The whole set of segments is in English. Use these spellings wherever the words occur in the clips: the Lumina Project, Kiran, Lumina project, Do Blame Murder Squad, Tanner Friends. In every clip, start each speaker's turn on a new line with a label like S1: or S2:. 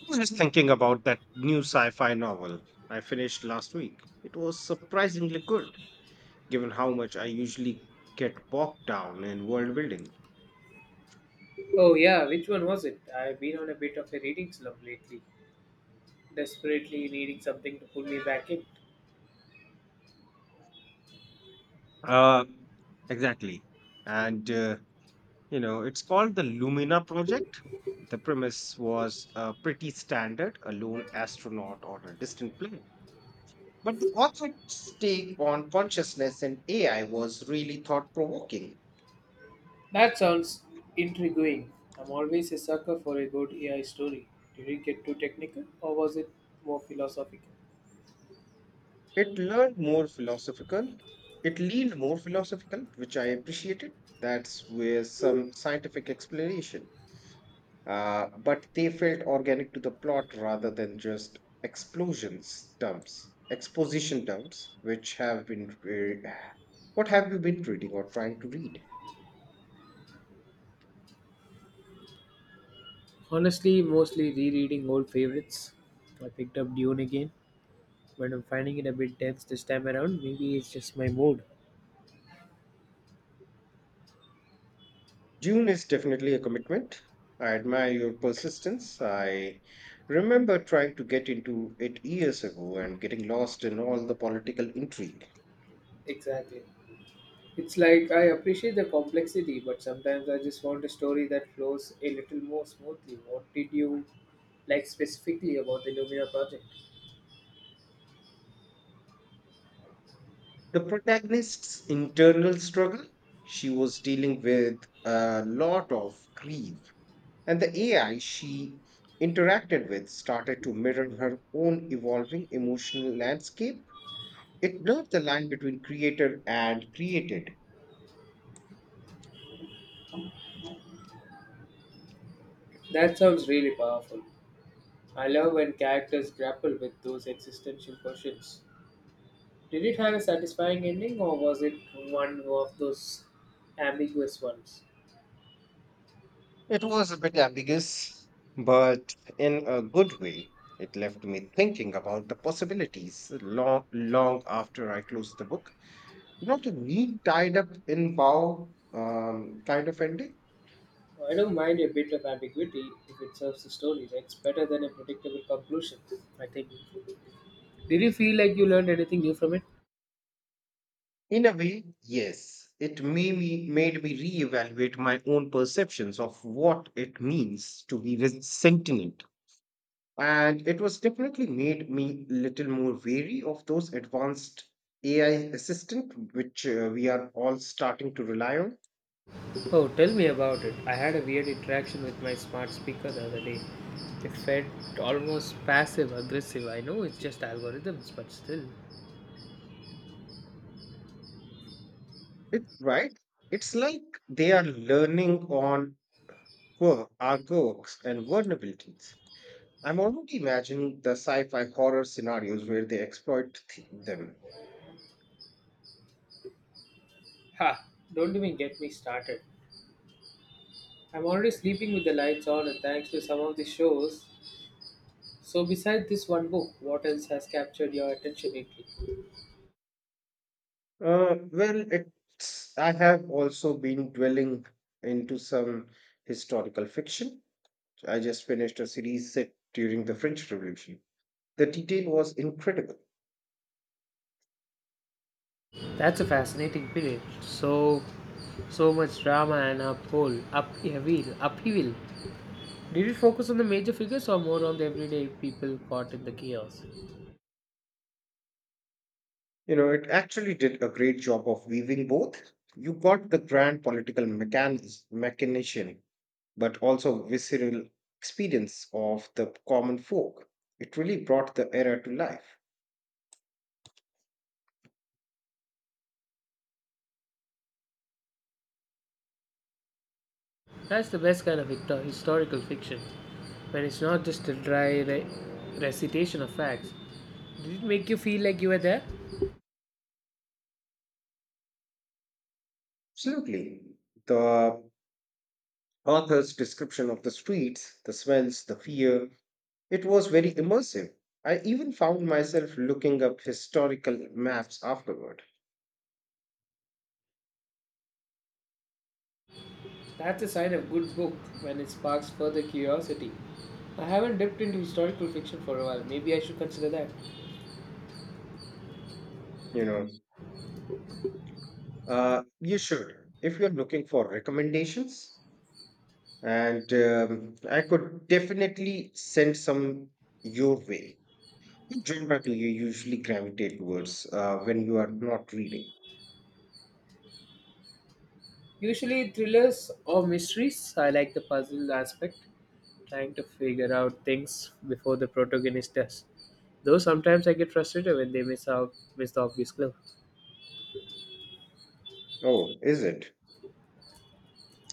S1: I was just thinking about that new sci fi novel I finished last week. It was surprisingly good, given how much I usually get bogged down in world building.
S2: Oh yeah, which one was it? I've been on a bit of a reading slump lately, desperately needing something to pull me back in.
S1: Uh, exactly. And, uh, it's called the Lumina Project. The premise was pretty standard, a lone astronaut on a distant planet. But the author's take on consciousness and AI was really thought provoking.
S2: That sounds intriguing. I'm always a sucker for a good AI story. Did it get too technical or was it more philosophical?
S1: It learned more philosophical. It leaned more philosophical, which I appreciated. That's with some scientific explanation. But they felt organic to the plot rather than just exposition dumps, which have what have you been reading or trying to read?
S2: Honestly, mostly rereading old favorites. I picked up Dune again, but I'm finding it a bit dense this time around. Maybe it's just my mood.
S1: June is definitely a commitment. I admire your persistence. I remember trying to get into it years ago and getting lost in all the political intrigue.
S2: Exactly. It's like I appreciate the complexity, but sometimes I just want a story that flows a little more smoothly. What did you like specifically about the Lumina project?
S1: The protagonist's internal struggle, she was dealing with a lot of grief, and the AI she interacted with started to mirror her own evolving emotional landscape. It blurred the line between creator and created.
S2: That sounds really powerful. I love when characters grapple with those existential questions. Did it have a satisfying ending, or was it one of those ambiguous ones?
S1: It was a bit ambiguous, but in a good way. It left me thinking about the possibilities long, long after I closed the book. Not a neat tied up in bow kind of ending.
S2: I don't mind a bit of ambiguity if it serves the story. That's better than a predictable conclusion, I think. Did you feel like you learned anything new from it?
S1: In a way, yes, it made me reevaluate my own perceptions of what it means to be sentient. And it was definitely made me little more wary of those advanced AI assistant which we are all starting to rely on.
S2: Oh, tell me about it. I had a weird interaction with my smart speaker the other day. It felt almost passive aggressive. I know it's just algorithms, but still.
S1: It, right? It's like they are learning on our quirks and vulnerabilities. I'm already imagining the sci fi horror scenarios where they exploit them.
S2: Ha! Don't even get me started. I'm already sleeping with the lights on, and thanks to some of the shows. So, besides this one book, what else has captured your attention lately?
S1: I have also been dwelling into some historical fiction. I just finished a series set during the French Revolution. The detail was incredible.
S2: That's a fascinating period. So much drama and upheaval. Did it focus on the major figures or more on the everyday people caught in the chaos?
S1: You know, it actually did a great job of weaving both. You got the grand political machination, but also visceral experience of the common folk. It really brought the era to life.
S2: That's the best kind of historical fiction, when it's not just a dry recitation of facts. Did it make you feel like you were there?
S1: Absolutely. The author's description of the streets, the smells, the fear, it was very immersive. I even found myself looking up historical maps afterward.
S2: That's a sign of good book when it sparks further curiosity. I haven't dipped into historical fiction for a while. Maybe I should consider that.
S1: You know, you should. If you're looking for recommendations, and I could definitely send some your way. What genre do you usually gravitate towards when you are not reading?
S2: Usually thrillers or mysteries. I like the puzzle aspect, trying to figure out things before the protagonist does. Though sometimes I get frustrated when they miss the obvious clue.
S1: Oh, is it?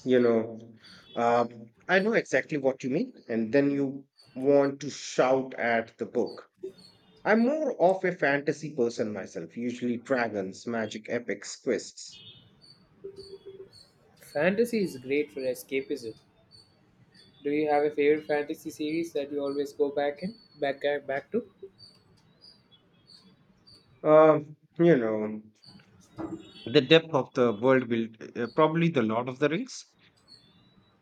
S1: You know, I know exactly what you mean, and then you want to shout at the book. I'm more of a fantasy person myself, usually dragons, magic, epics, quests.
S2: Fantasy is great for escapism. Do you have a favorite fantasy series that you always go back in back and back to?
S1: You know, the depth of the world build, probably the Lord of the Rings.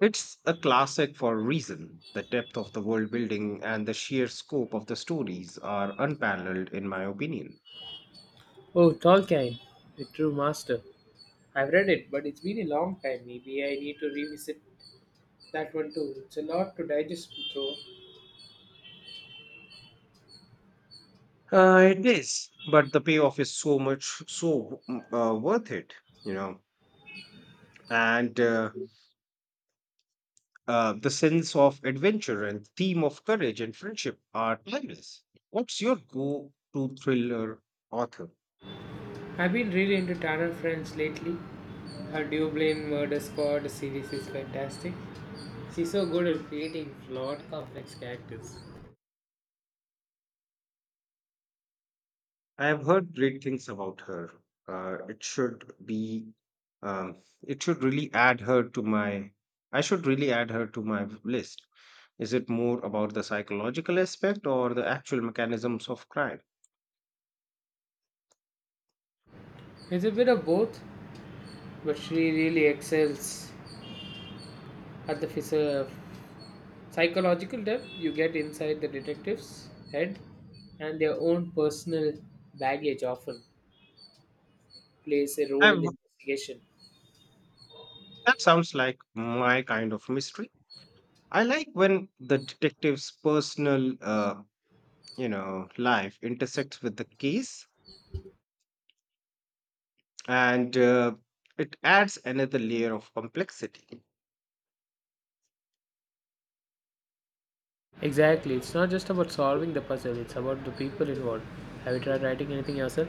S1: It's a classic for a reason. The depth of the world building and the sheer scope of the stories are unparalleled, in my opinion.
S2: Oh, Tolkien, the true master. I've read it, but it's been a long time. Maybe I need to revisit that one too. It's a lot to digest through.
S1: It is, but the payoff is so much so worth it, you know. And The sense of adventure and theme of courage and friendship are timeless. What's your go-to thriller author?
S2: I've been really into Tanner Friends lately. Her Do Blame Murder Squad series is fantastic. She's so good at creating flawed, complex characters.
S1: I have heard great things about her. It should be, um, it should really add her to my. I should really add her to my list. Is it more about the psychological aspect or the actual mechanisms of crime?
S2: It's a bit of both, but she really excels at the psychological depth you get inside the detective's head and their own personal baggage often plays a
S1: I
S2: role in the investigation.
S1: That sounds like my kind of mystery. I like when the detective's personal, life intersects with the case, and it adds another layer of complexity.
S2: Exactly, it's not just about solving the puzzle, it's about the people involved. Have you tried writing anything yourself?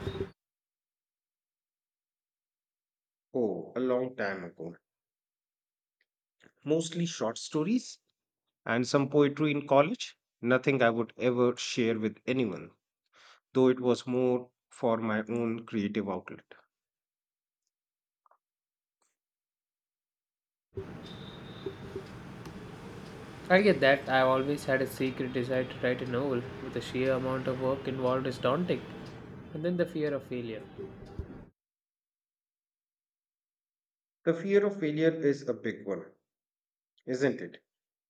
S1: Oh, a long time ago, mostly short stories and some poetry in college. Nothing I would ever share with anyone, though it was more for my own creative outlet.
S2: I get that. I've always had a secret desire to write a novel, but the sheer amount of work involved is daunting, and then the fear of failure.
S1: The fear of failure is a big one, isn't it?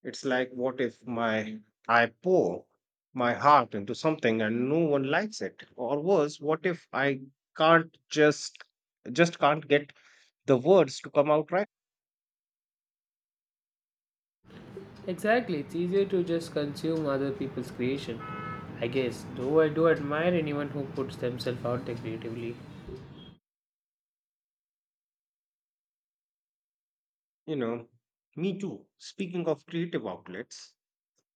S1: It's like, what if my I pour my heart into something and no one likes it? Or worse, what if I can't just can't get the words to come out right?
S2: Exactly, it's easier to just consume other people's creation, I guess, though I do admire anyone who puts themselves out there creatively.
S1: You know, me too. Speaking of creative outlets,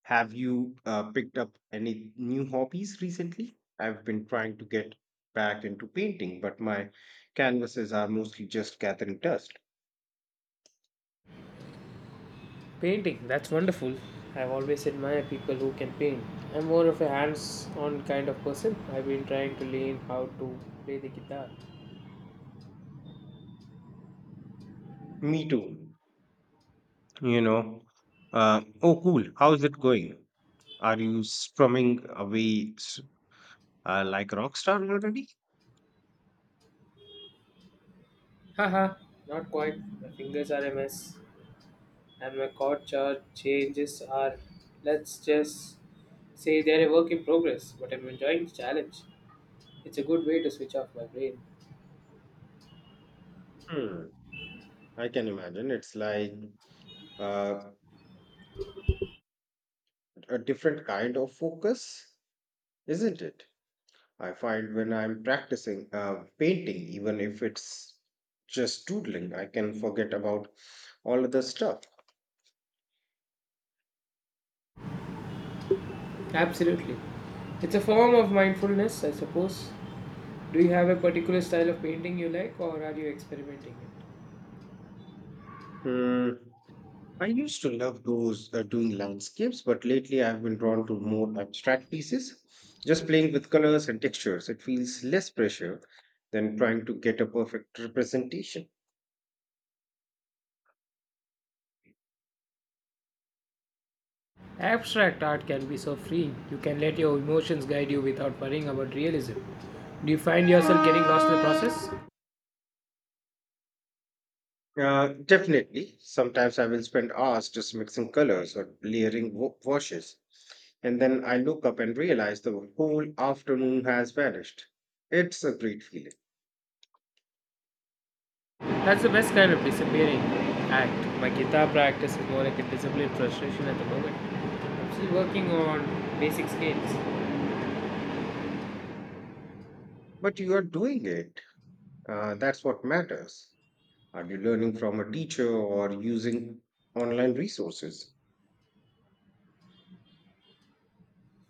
S1: have you picked up any new hobbies recently? I've been trying to get back into painting, but my canvases are mostly just gathering dust.
S2: Painting, that's wonderful. I've always admired people who can paint. I'm more of a hands on kind of person. I've been trying to learn how to play the guitar.
S1: Me too. You know. Oh, cool. How's it going? Are you strumming away like a rock star already?
S2: Haha, not quite. My fingers are a mess, and my chord chart changes are, let's just say, they're a work in progress, but I'm enjoying the challenge. It's a good way to switch off my brain.
S1: Hmm. I can imagine it's like uh, a different kind of focus, isn't it? I find when I'm practicing painting, even if it's just doodling, I can forget about all other stuff.
S2: Absolutely. It's a form of mindfulness, I suppose. Do you have a particular style of painting you like, or are you experimenting?
S1: Hmm. I used to love those doing landscapes, but lately I've been drawn to more abstract pieces. Just playing with colors and textures, it feels less pressure than trying to get a perfect representation.
S2: Abstract art can be so free, you can let your emotions guide you without worrying about realism. Do you find yourself getting lost in the process?
S1: Definitely. Sometimes I will spend hours just mixing colors or layering washes, and then I look up and realize the whole afternoon has vanished. It's a great feeling.
S2: That's the best kind of disappearing act. My guitar practice is more like a disciplined frustration at the moment. I'm still working on basic scales.
S1: But you are doing it. That's what matters. Are you learning from a teacher or using online resources?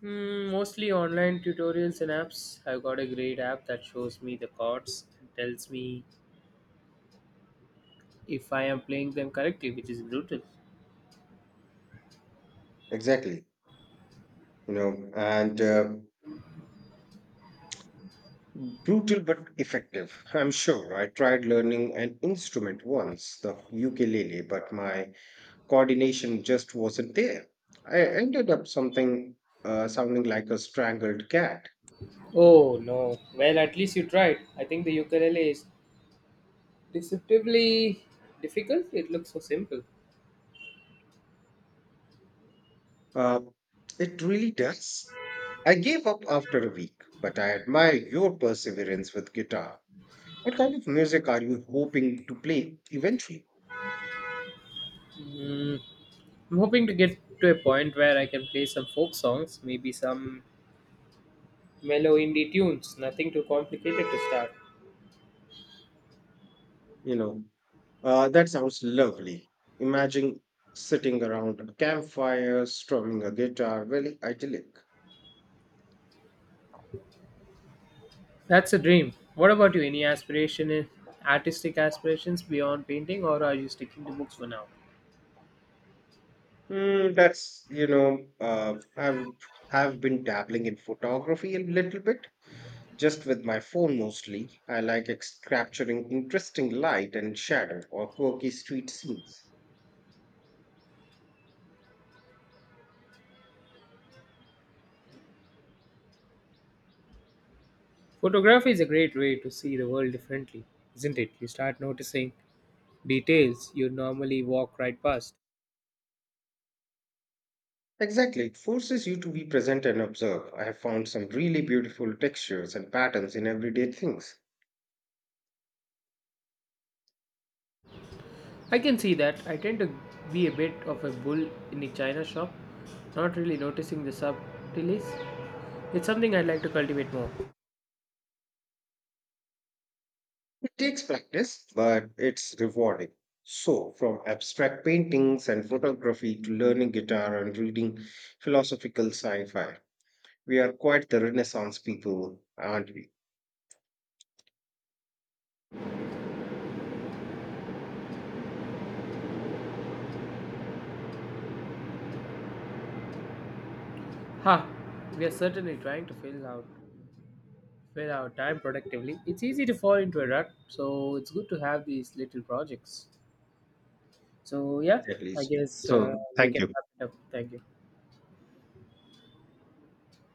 S2: Hmm, mostly online tutorials and apps. I've got a great app that shows me the chords and tells me if I am playing them correctly, which is brutal.
S1: Exactly. You know, and Brutal but effective. I'm sure I tried learning an instrument once, the ukulele, but my coordination just wasn't there. I ended up something sounding like a strangled cat.
S2: Oh no. Well, at least you tried. I think the ukulele is deceptively difficult. It looks so simple.
S1: Uh, it really does. I gave up after a week, but I admire your perseverance with guitar. What kind of music are you hoping to play eventually?
S2: Mm, I'm hoping to get to a point where I can play some folk songs, maybe some mellow indie tunes. Nothing too complicated to start.
S1: You know, that sounds lovely. Imagine sitting around a campfire, strumming a guitar, very idyllic.
S2: That's a dream. What about you? Any artistic aspirations beyond painting, or are you sticking to books for now?
S1: Mm, that's, you know, I've have been dabbling in photography a little bit, just with my phone mostly. I like ex capturing interesting light and shadow or quirky street scenes.
S2: Photography is a great way to see the world differently, isn't it? You start noticing details you normally walk right past.
S1: Exactly, it forces you to be present and observe. I have found some really beautiful textures and patterns in everyday things.
S2: I can see that. I tend to be a bit of a bull in a china shop, not really noticing the subtleties. It's something I'd like to cultivate more.
S1: It takes practice, but it's rewarding. So, from abstract paintings and photography to learning guitar and reading philosophical sci-fi. We are quite the Renaissance people, aren't we?
S2: Ha! We are certainly trying to fill our time productively. It's easy to fall into a rut, so it's good to have these little projects. So yeah,
S1: At
S2: I
S1: least.
S2: guess
S1: So,
S2: we
S1: thank
S2: can
S1: you.
S2: wrap it up. Thank you.